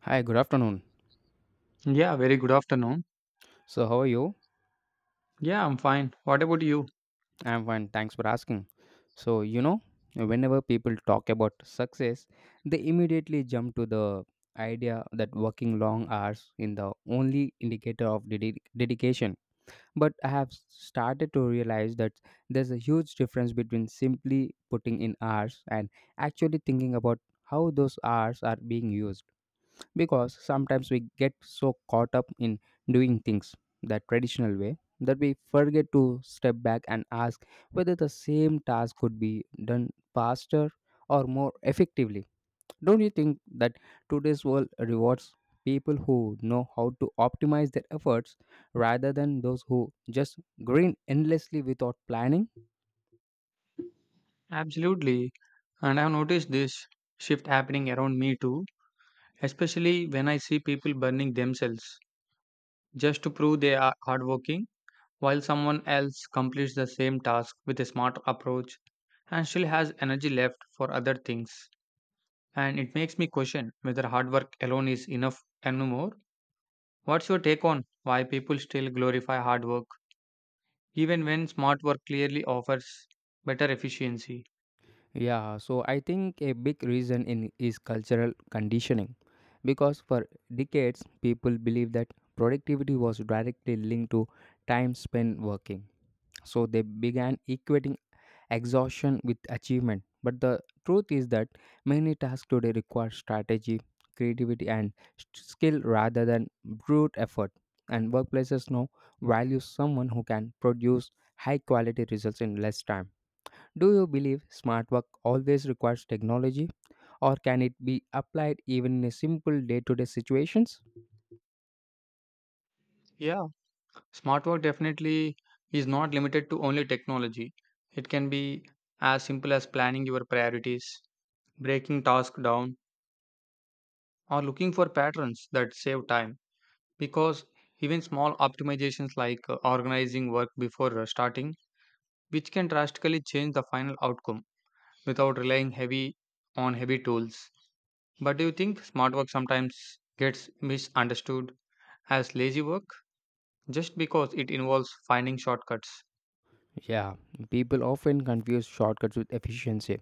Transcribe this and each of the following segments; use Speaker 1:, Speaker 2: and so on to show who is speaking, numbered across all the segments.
Speaker 1: Hi, good afternoon.
Speaker 2: Yeah, very good afternoon.
Speaker 1: So, how are you?
Speaker 2: Yeah, I'm fine. What about you?
Speaker 1: I'm fine. Thanks for asking. So, you know, whenever people talk about success, they immediately jump to the idea that working long hours in the only indicator of dedication. But I have started to realize that there's a huge difference between simply putting in hours and actually thinking about how those hours are being used. Because sometimes we get so caught up in doing things the traditional way that we forget to step back and ask whether the same task could be done faster or more effectively. Don't you think that today's world rewards people who know how to optimize their efforts rather than those who just grin endlessly without planning?
Speaker 2: Absolutely. And I've noticed this shift happening around me too, especially when I see people burning themselves just to prove they are hardworking while someone else completes the same task with a smart approach and still has energy left for other things. And it makes me question whether hard work alone is enough anymore. What's your take on why people still glorify hard work even when smart work clearly offers better efficiency?
Speaker 1: Yeah, so I think a big reason in is cultural conditioning because for decades people believed that productivity was directly linked to time spent working. So they began equating exhaustion with achievement. But the truth is that many tasks today require strategy, creativity and skill rather than brute effort. And workplaces now value someone who can produce high quality results in less time. Do you believe smart work always requires technology, or can it be applied even in simple day to day situations?
Speaker 2: Yeah, smart work definitely is not limited to only technology. It can be as simple as planning your priorities, breaking tasks down, or looking for patterns that save time. Because even small optimizations like organizing work before starting, which can drastically change the final outcome without relying heavy on heavy tools. But do you think smart work sometimes gets misunderstood as lazy work just because it involves finding shortcuts?
Speaker 1: Yeah, people often confuse shortcuts with efficiency,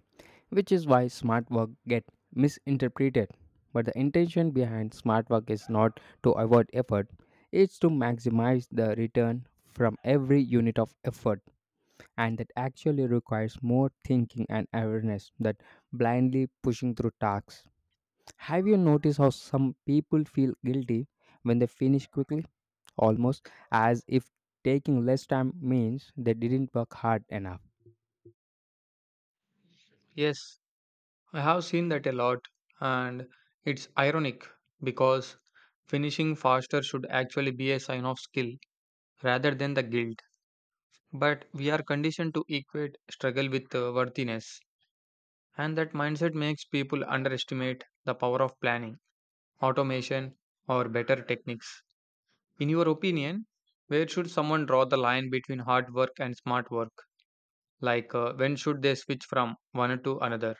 Speaker 1: which is why smart work get misinterpreted. But the intention behind smart work is not to avoid effort, it's to maximize the return from every unit of effort and that actually requires more thinking and awareness than blindly pushing through tasks. Have you noticed how some people feel guilty when they finish quickly, almost as if taking less time means they didn't work hard enough?
Speaker 2: Yes, I have seen that a lot, and it's ironic because finishing faster should actually be a sign of skill rather than the guilt. But we are conditioned to equate struggle with worthiness, and that mindset makes people underestimate the power of planning, automation, or better techniques. In your opinion, where should someone draw the line between hard work and smart work? When should they switch from one to another?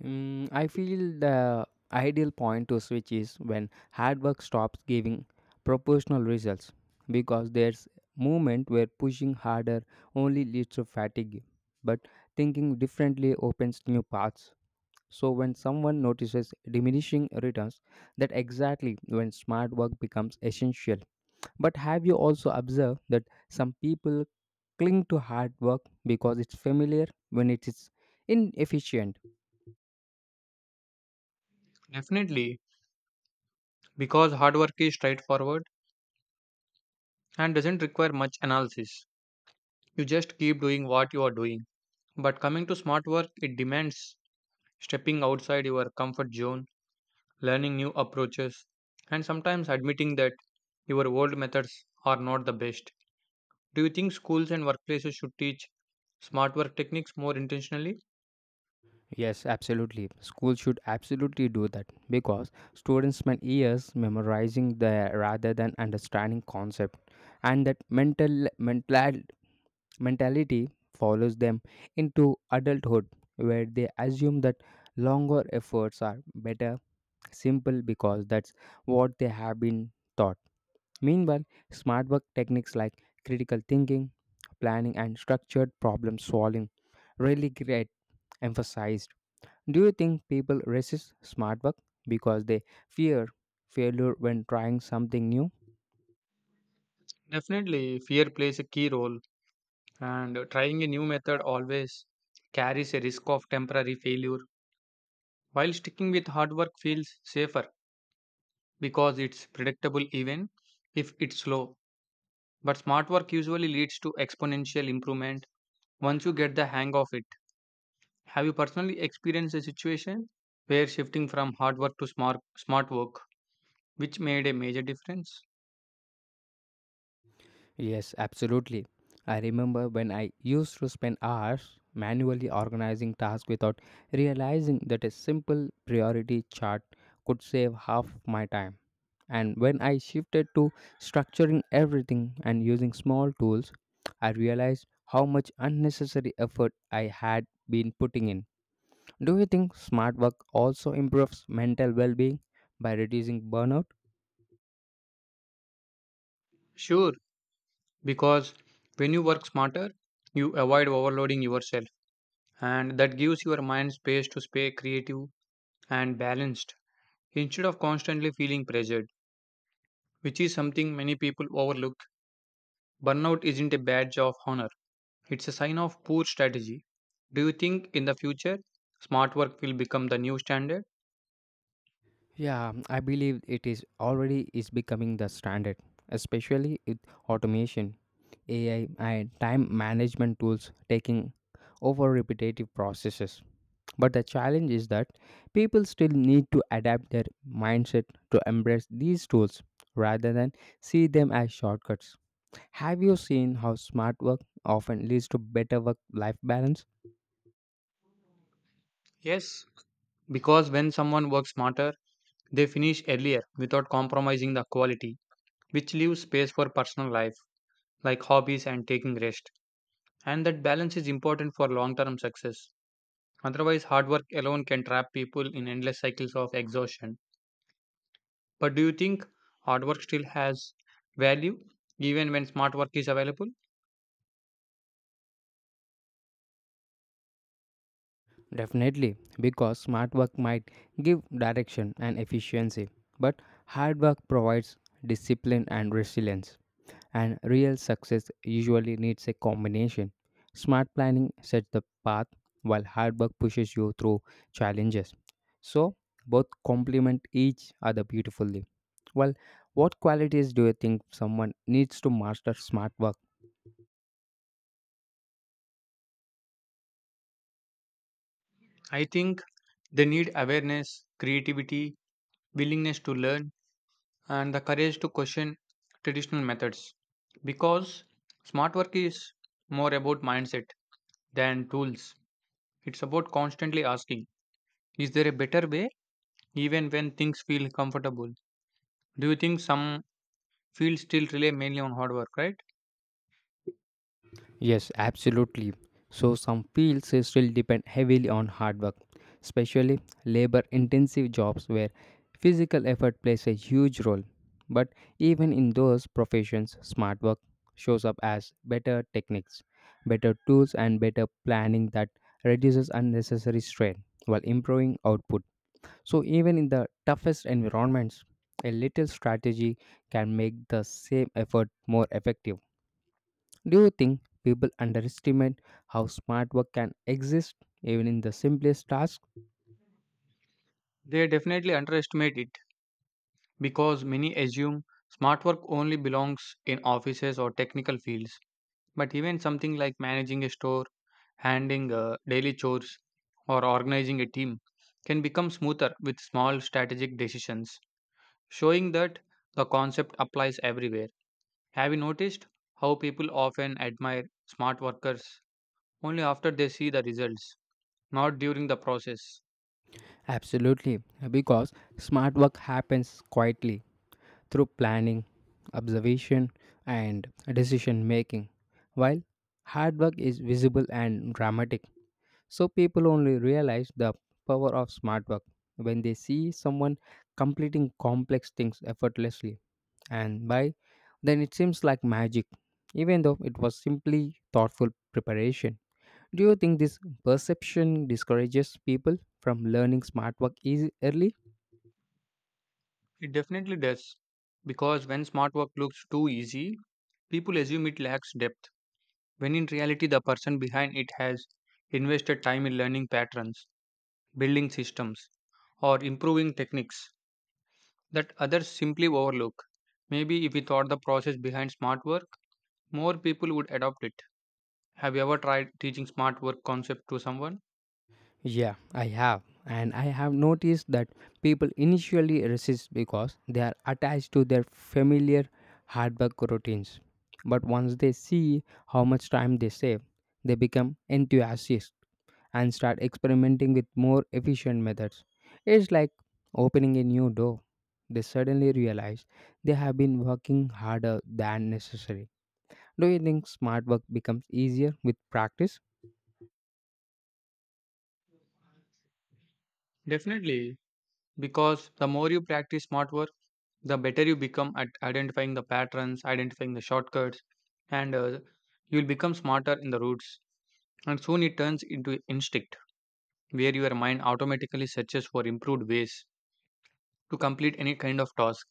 Speaker 1: Mm, I feel the ideal point to switch is when hard work stops giving proportional results because there's movement where pushing harder only leads to fatigue, but thinking differently opens new paths. So when someone notices diminishing returns, that exactly when smart work becomes essential. But have you also observed that some people cling to hard work because it's familiar when it is inefficient?
Speaker 2: Definitely, because hard work is straightforward and doesn't require much analysis. You just keep doing what you are doing. But coming to smart work, it demands stepping outside your comfort zone, learning new approaches, and sometimes admitting that your old methods are not the best. Do you think schools and workplaces should teach smart work techniques more intentionally?
Speaker 1: Yes, absolutely. Schools should absolutely do that because students spend years memorizing the rather than understanding concept, and that mental mentality follows them into adulthood, where they assume that longer efforts are better, simple because that's what they have been taught. Meanwhile, smart work techniques like critical thinking, planning, and structured problem solving really get emphasized. Do you think people resist smart work because they fear failure when trying something new?
Speaker 2: Definitely, fear plays a key role, and trying a new method always carries a risk of temporary failure, while sticking with hard work feels safer. Because it's predictable even if it's slow. But smart work usually leads to exponential improvement once you get the hang of it. Have you personally experienced a situation where shifting from hard work to smart work which made a major difference?
Speaker 1: Yes, absolutely. I remember when I used to spend hours manually organizing tasks without realizing that a simple priority chart could save half my time. And when I shifted to structuring everything and using small tools, I realized how much unnecessary effort I had been putting in. Do you think smart work also improves mental well-being by reducing burnout?
Speaker 2: Sure, because when you work smarter, you avoid overloading yourself and that gives your mind space to stay creative and balanced instead of constantly feeling pressured, which is something many people overlook. Burnout isn't a badge of honor. It's a sign of poor strategy. Do you think in the future smart work will become the new standard?
Speaker 1: Yeah, I believe it is becoming the standard, especially with automation, AI and time management tools taking over repetitive processes. But the challenge is that people still need to adapt their mindset to embrace these tools rather than see them as shortcuts. Have you seen how smart work often leads to better work life balance?
Speaker 2: Yes, because when someone works smarter, they finish earlier without compromising the quality, which leaves space for personal life, like hobbies and taking rest. And that balance is important for long term success. Otherwise, hard work alone can trap people in endless cycles of exhaustion. But do you think hard work still has value even when smart work is available?
Speaker 1: Definitely, because smart work might give direction and efficiency, but hard work provides discipline and resilience. And real success usually needs a combination. Smart planning sets the path, while hard work pushes you through challenges. So, both complement each other beautifully. Well, what qualities do you think someone needs to master smart work?
Speaker 2: I think they need awareness, creativity, willingness to learn, and the courage to question traditional methods. Because smart work is more about mindset than tools. It's about constantly asking, is there a better way, even when things feel comfortable? Do you think some fields still rely mainly on hard work, right?
Speaker 1: Yes, absolutely. So some fields still depend heavily on hard work, especially labor-intensive jobs where physical effort plays a huge role. But even in those professions, smart work shows up as better techniques, better tools and better planning that reduces unnecessary strain while improving output. So even in the toughest environments, a little strategy can make the same effort more effective. Do you think people underestimate how smart work can exist even in the simplest tasks?
Speaker 2: They definitely underestimate it because many assume smart work only belongs in offices or technical fields. But even something like managing a store, handling daily chores, or organizing a team can become smoother with small strategic decisions, showing that the concept applies everywhere. Have you noticed how people often admire smart workers only after they see the results, not during the process?
Speaker 1: Absolutely, because smart work happens quietly through planning, observation, and decision making, while hard work is visible and dramatic. So people only realize the power of smart work when they see someone completing complex things effortlessly and by then it seems like magic, even though it was simply thoughtful preparation. Do you think this perception discourages people from learning smart work easy early?
Speaker 2: It definitely does, because when smart work looks too easy, people assume it lacks depth, when in reality, the person behind it has invested time in learning patterns building systems, or improving techniques that others simply overlook. Maybe if we thought the process behind smart work, more people would adopt it. Have you ever tried teaching smart work concept to someone?
Speaker 1: Yeah, I have. And I have noticed that people initially resist because they are attached to their familiar hard work routines. But once they see how much time they save, they become enthusiastic. And start experimenting with more efficient methods. It's like opening a new door. They suddenly realize they have been working harder than necessary. Do you think smart work becomes easier with practice?
Speaker 2: Definitely, because the more you practice smart work, the better you become at identifying the patterns, identifying the shortcuts, and you'll become smarter in the roots. And soon it turns into instinct, where your mind automatically searches for improved ways to complete any kind of task.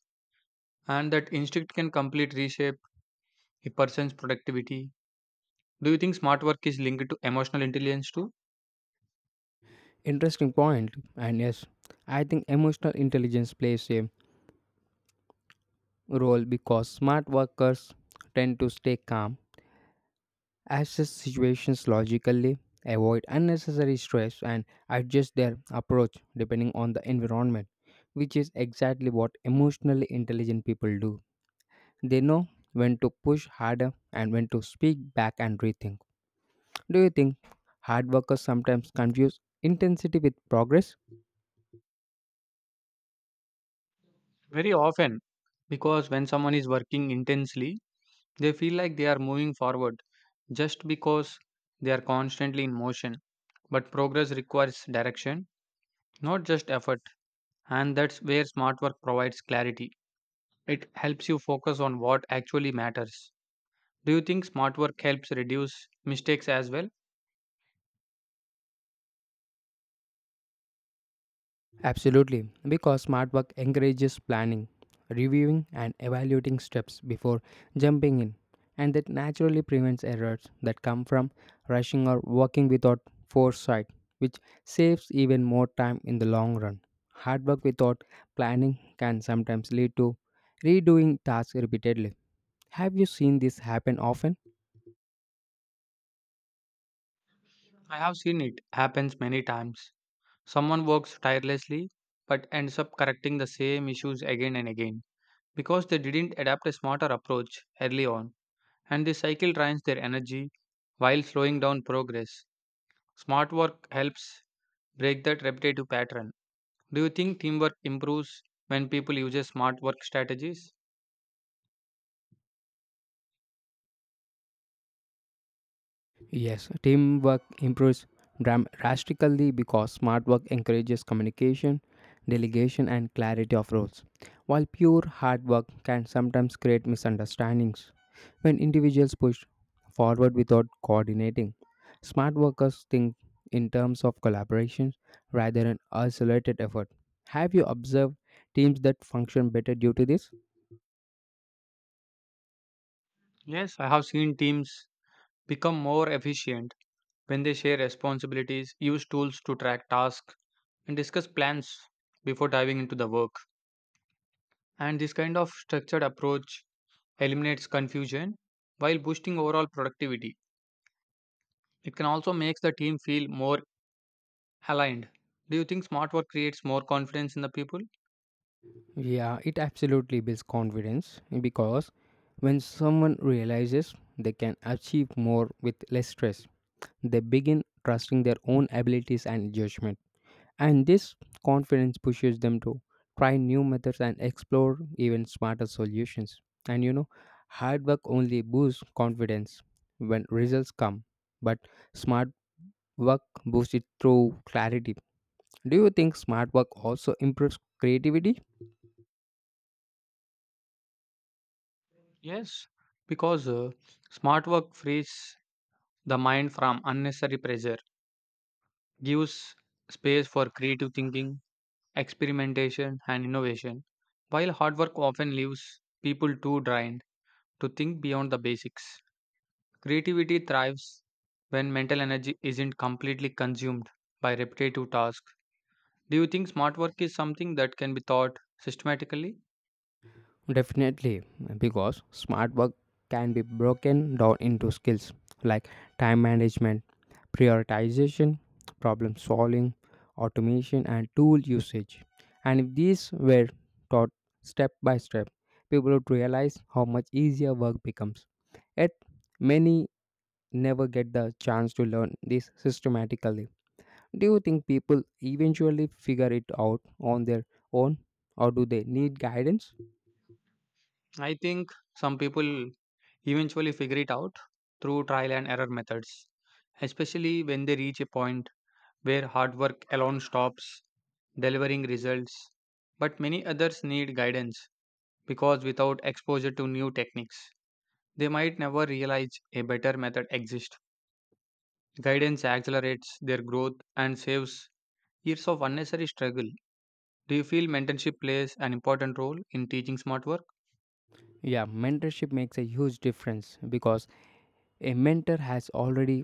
Speaker 2: And that instinct can completely reshape a person's productivity. Do you think smart work is linked to emotional intelligence too?
Speaker 1: Interesting point. And yes, I think emotional intelligence plays a role because smart workers tend to stay calm assess situations logically, avoid unnecessary stress, and adjust their approach depending on the environment, which is exactly what emotionally intelligent people do. They know when to push harder and when to speak back and rethink. Do you think hard workers sometimes confuse intensity with progress?
Speaker 2: Very often, because when someone is working intensely, they feel like they are moving forward just because they are constantly in motion. But progress requires direction, not just effort, and that's where smart work provides clarity. It helps you focus on what actually matters. Do you think smart work helps reduce mistakes as well?
Speaker 1: Absolutely, because smart work encourages planning, reviewing, and evaluating steps before jumping in, and that naturally prevents errors that come from rushing or working without foresight, which saves even more time in the long run. Hard work without planning can sometimes lead to redoing tasks repeatedly. Have you seen this happen often?
Speaker 2: I have seen it happens many times. Someone works tirelessly but ends up correcting the same issues again and again because they didn't adapt a smarter approach early on, and this cycle drains their energy while slowing down progress. Smart work helps break that repetitive pattern. Do you think teamwork improves when people use smart work strategies?
Speaker 1: Yes, teamwork improves drastically because smart work encourages communication, delegation, and clarity of roles, while pure hard work can sometimes create misunderstandings. When individuals push forward without coordinating, smart workers think in terms of collaboration rather than isolated effort. Have you observed teams that function better due to this?
Speaker 2: Yes, I have seen teams become more efficient when they share responsibilities, use tools to track tasks, and discuss plans before diving into the work. And this kind of structured approach eliminates confusion while boosting overall productivity. It can also make the team feel more aligned. Do you think smart work creates more confidence in the people?
Speaker 1: Yeah, it absolutely builds confidence because when someone realizes they can achieve more with less stress, they begin trusting their own abilities and judgment. And this confidence pushes them to try new methods and explore even smarter solutions. And you know, hard work only boosts confidence when results come, but smart work boosts it through clarity. Do you think smart work also improves creativity?
Speaker 2: Yes, because smart work frees the mind from unnecessary pressure, gives space for creative thinking, experimentation, and innovation, while hard work often leaves people too drained to think beyond the basics. Creativity thrives when mental energy isn't completely consumed by repetitive tasks. Do you think smart work is something that can be taught systematically?
Speaker 1: Definitely, because smart work can be broken down into skills like time management, prioritization, problem solving, automation, and tool usage. And if these were taught step by step, people would realize how much easier work becomes. Yet, many never get the chance to learn this systematically. Do you think people eventually figure it out on their own, or do they need guidance?
Speaker 2: I think some people eventually figure it out through trial and error methods, especially when they reach a point where hard work alone stops delivering results. But many others need guidance because without exposure to new techniques, they might never realize a better method exists. Guidance accelerates their growth and saves years of unnecessary struggle. Do you feel mentorship plays an important role in teaching smart work?
Speaker 1: Yeah, mentorship makes a huge difference because a mentor has already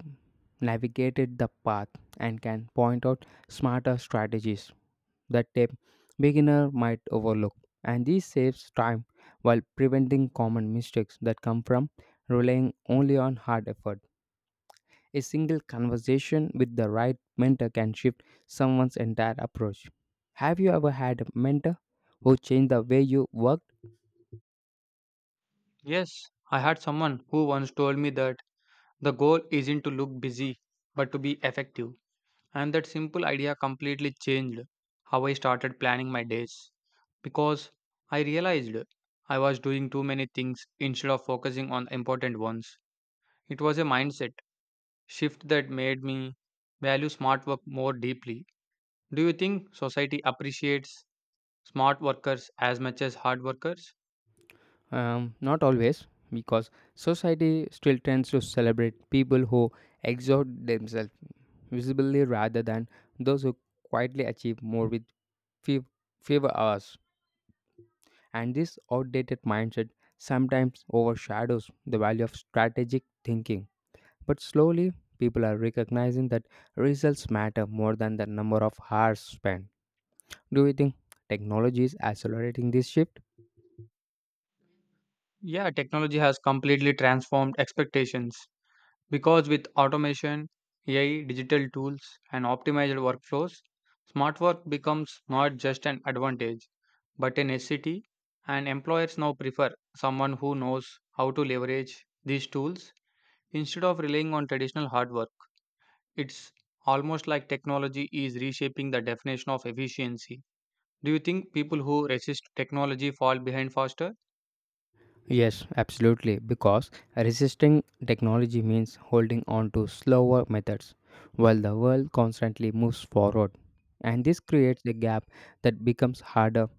Speaker 1: navigated the path and can point out smarter strategies that a beginner might overlook. And this saves time while preventing common mistakes that come from relying only on hard effort. A single conversation with the right mentor can shift someone's entire approach. Have you ever had a mentor who changed the way you work?
Speaker 2: Yes, I had someone who once told me that the goal isn't to look busy but to be effective, and that simple idea completely changed how I started planning my days because I realized I was doing too many things instead of focusing on the important ones. It was a mindset shift that made me value smart work more deeply. Do you think society appreciates smart workers as much as hard workers?
Speaker 1: Not always, because society still tends to celebrate people who exert themselves visibly rather than those who quietly achieve more with few, fewer hours. And this outdated mindset sometimes overshadows the value of strategic thinking. But slowly, people are recognizing that results matter more than the number of hours spent. Do you think technology is accelerating this shift?
Speaker 2: Yeah, technology has completely transformed expectations because with automation, AI, digital tools, and optimized workflows, smart work becomes not just an advantage but a necessity, and employers now prefer someone who knows how to leverage these tools instead of relying on traditional hard work. It's almost like technology is reshaping the definition of efficiency. Do you think people who resist technology fall behind faster?
Speaker 1: Yes, absolutely, because resisting technology means holding on to slower methods while the world constantly moves forward. And this creates a gap that becomes harder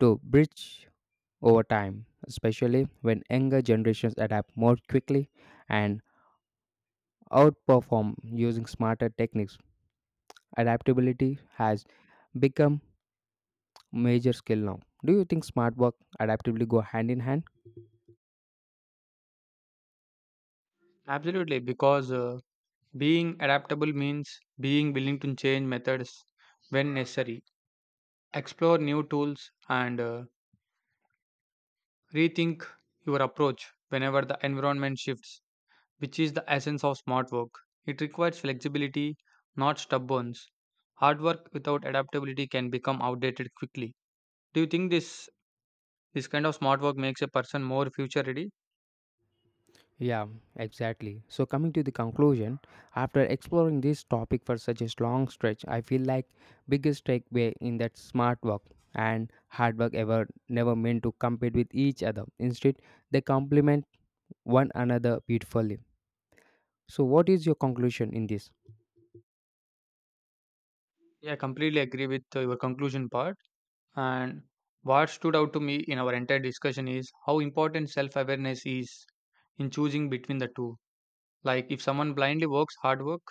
Speaker 1: to bridge over time, especially when younger generations adapt more quickly and outperform using smarter techniques. Adaptability has become major skill now. Do you think smart work adaptability go hand in hand?
Speaker 2: Absolutely, because being adaptable means being willing to change methods when necessary, explore new tools, and rethink your approach whenever the environment shifts, which is the essence of smart work. It requires flexibility, not stubbornness. Hard work without adaptability can become outdated quickly. Do you think this kind of smart work makes a person more future ready?
Speaker 1: Yeah, exactly. So, coming to the conclusion, after exploring this topic for such a long stretch, I feel like biggest takeaway in that smart work and hard work ever never meant to compete with each other. Instead, they complement one another beautifully. So, what is your conclusion in this?
Speaker 2: Yeah, I completely agree with your conclusion part. And what stood out to me in our entire discussion is how important self awareness is in choosing between the two. Like, if someone blindly works hard work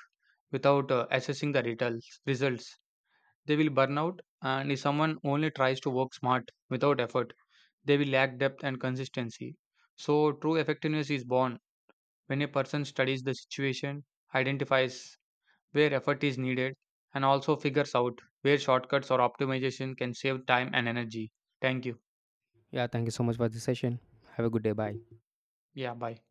Speaker 2: without assessing the results, they will burn out. And if someone only tries to work smart without effort, they will lack depth and consistency. So, true effectiveness is born when a person studies the situation, identifies where effort is needed, and also figures out where shortcuts or optimization can save time and energy. Thank you.
Speaker 1: Yeah, thank you so much for this session. Have a good day. Bye.
Speaker 2: Yeah, bye.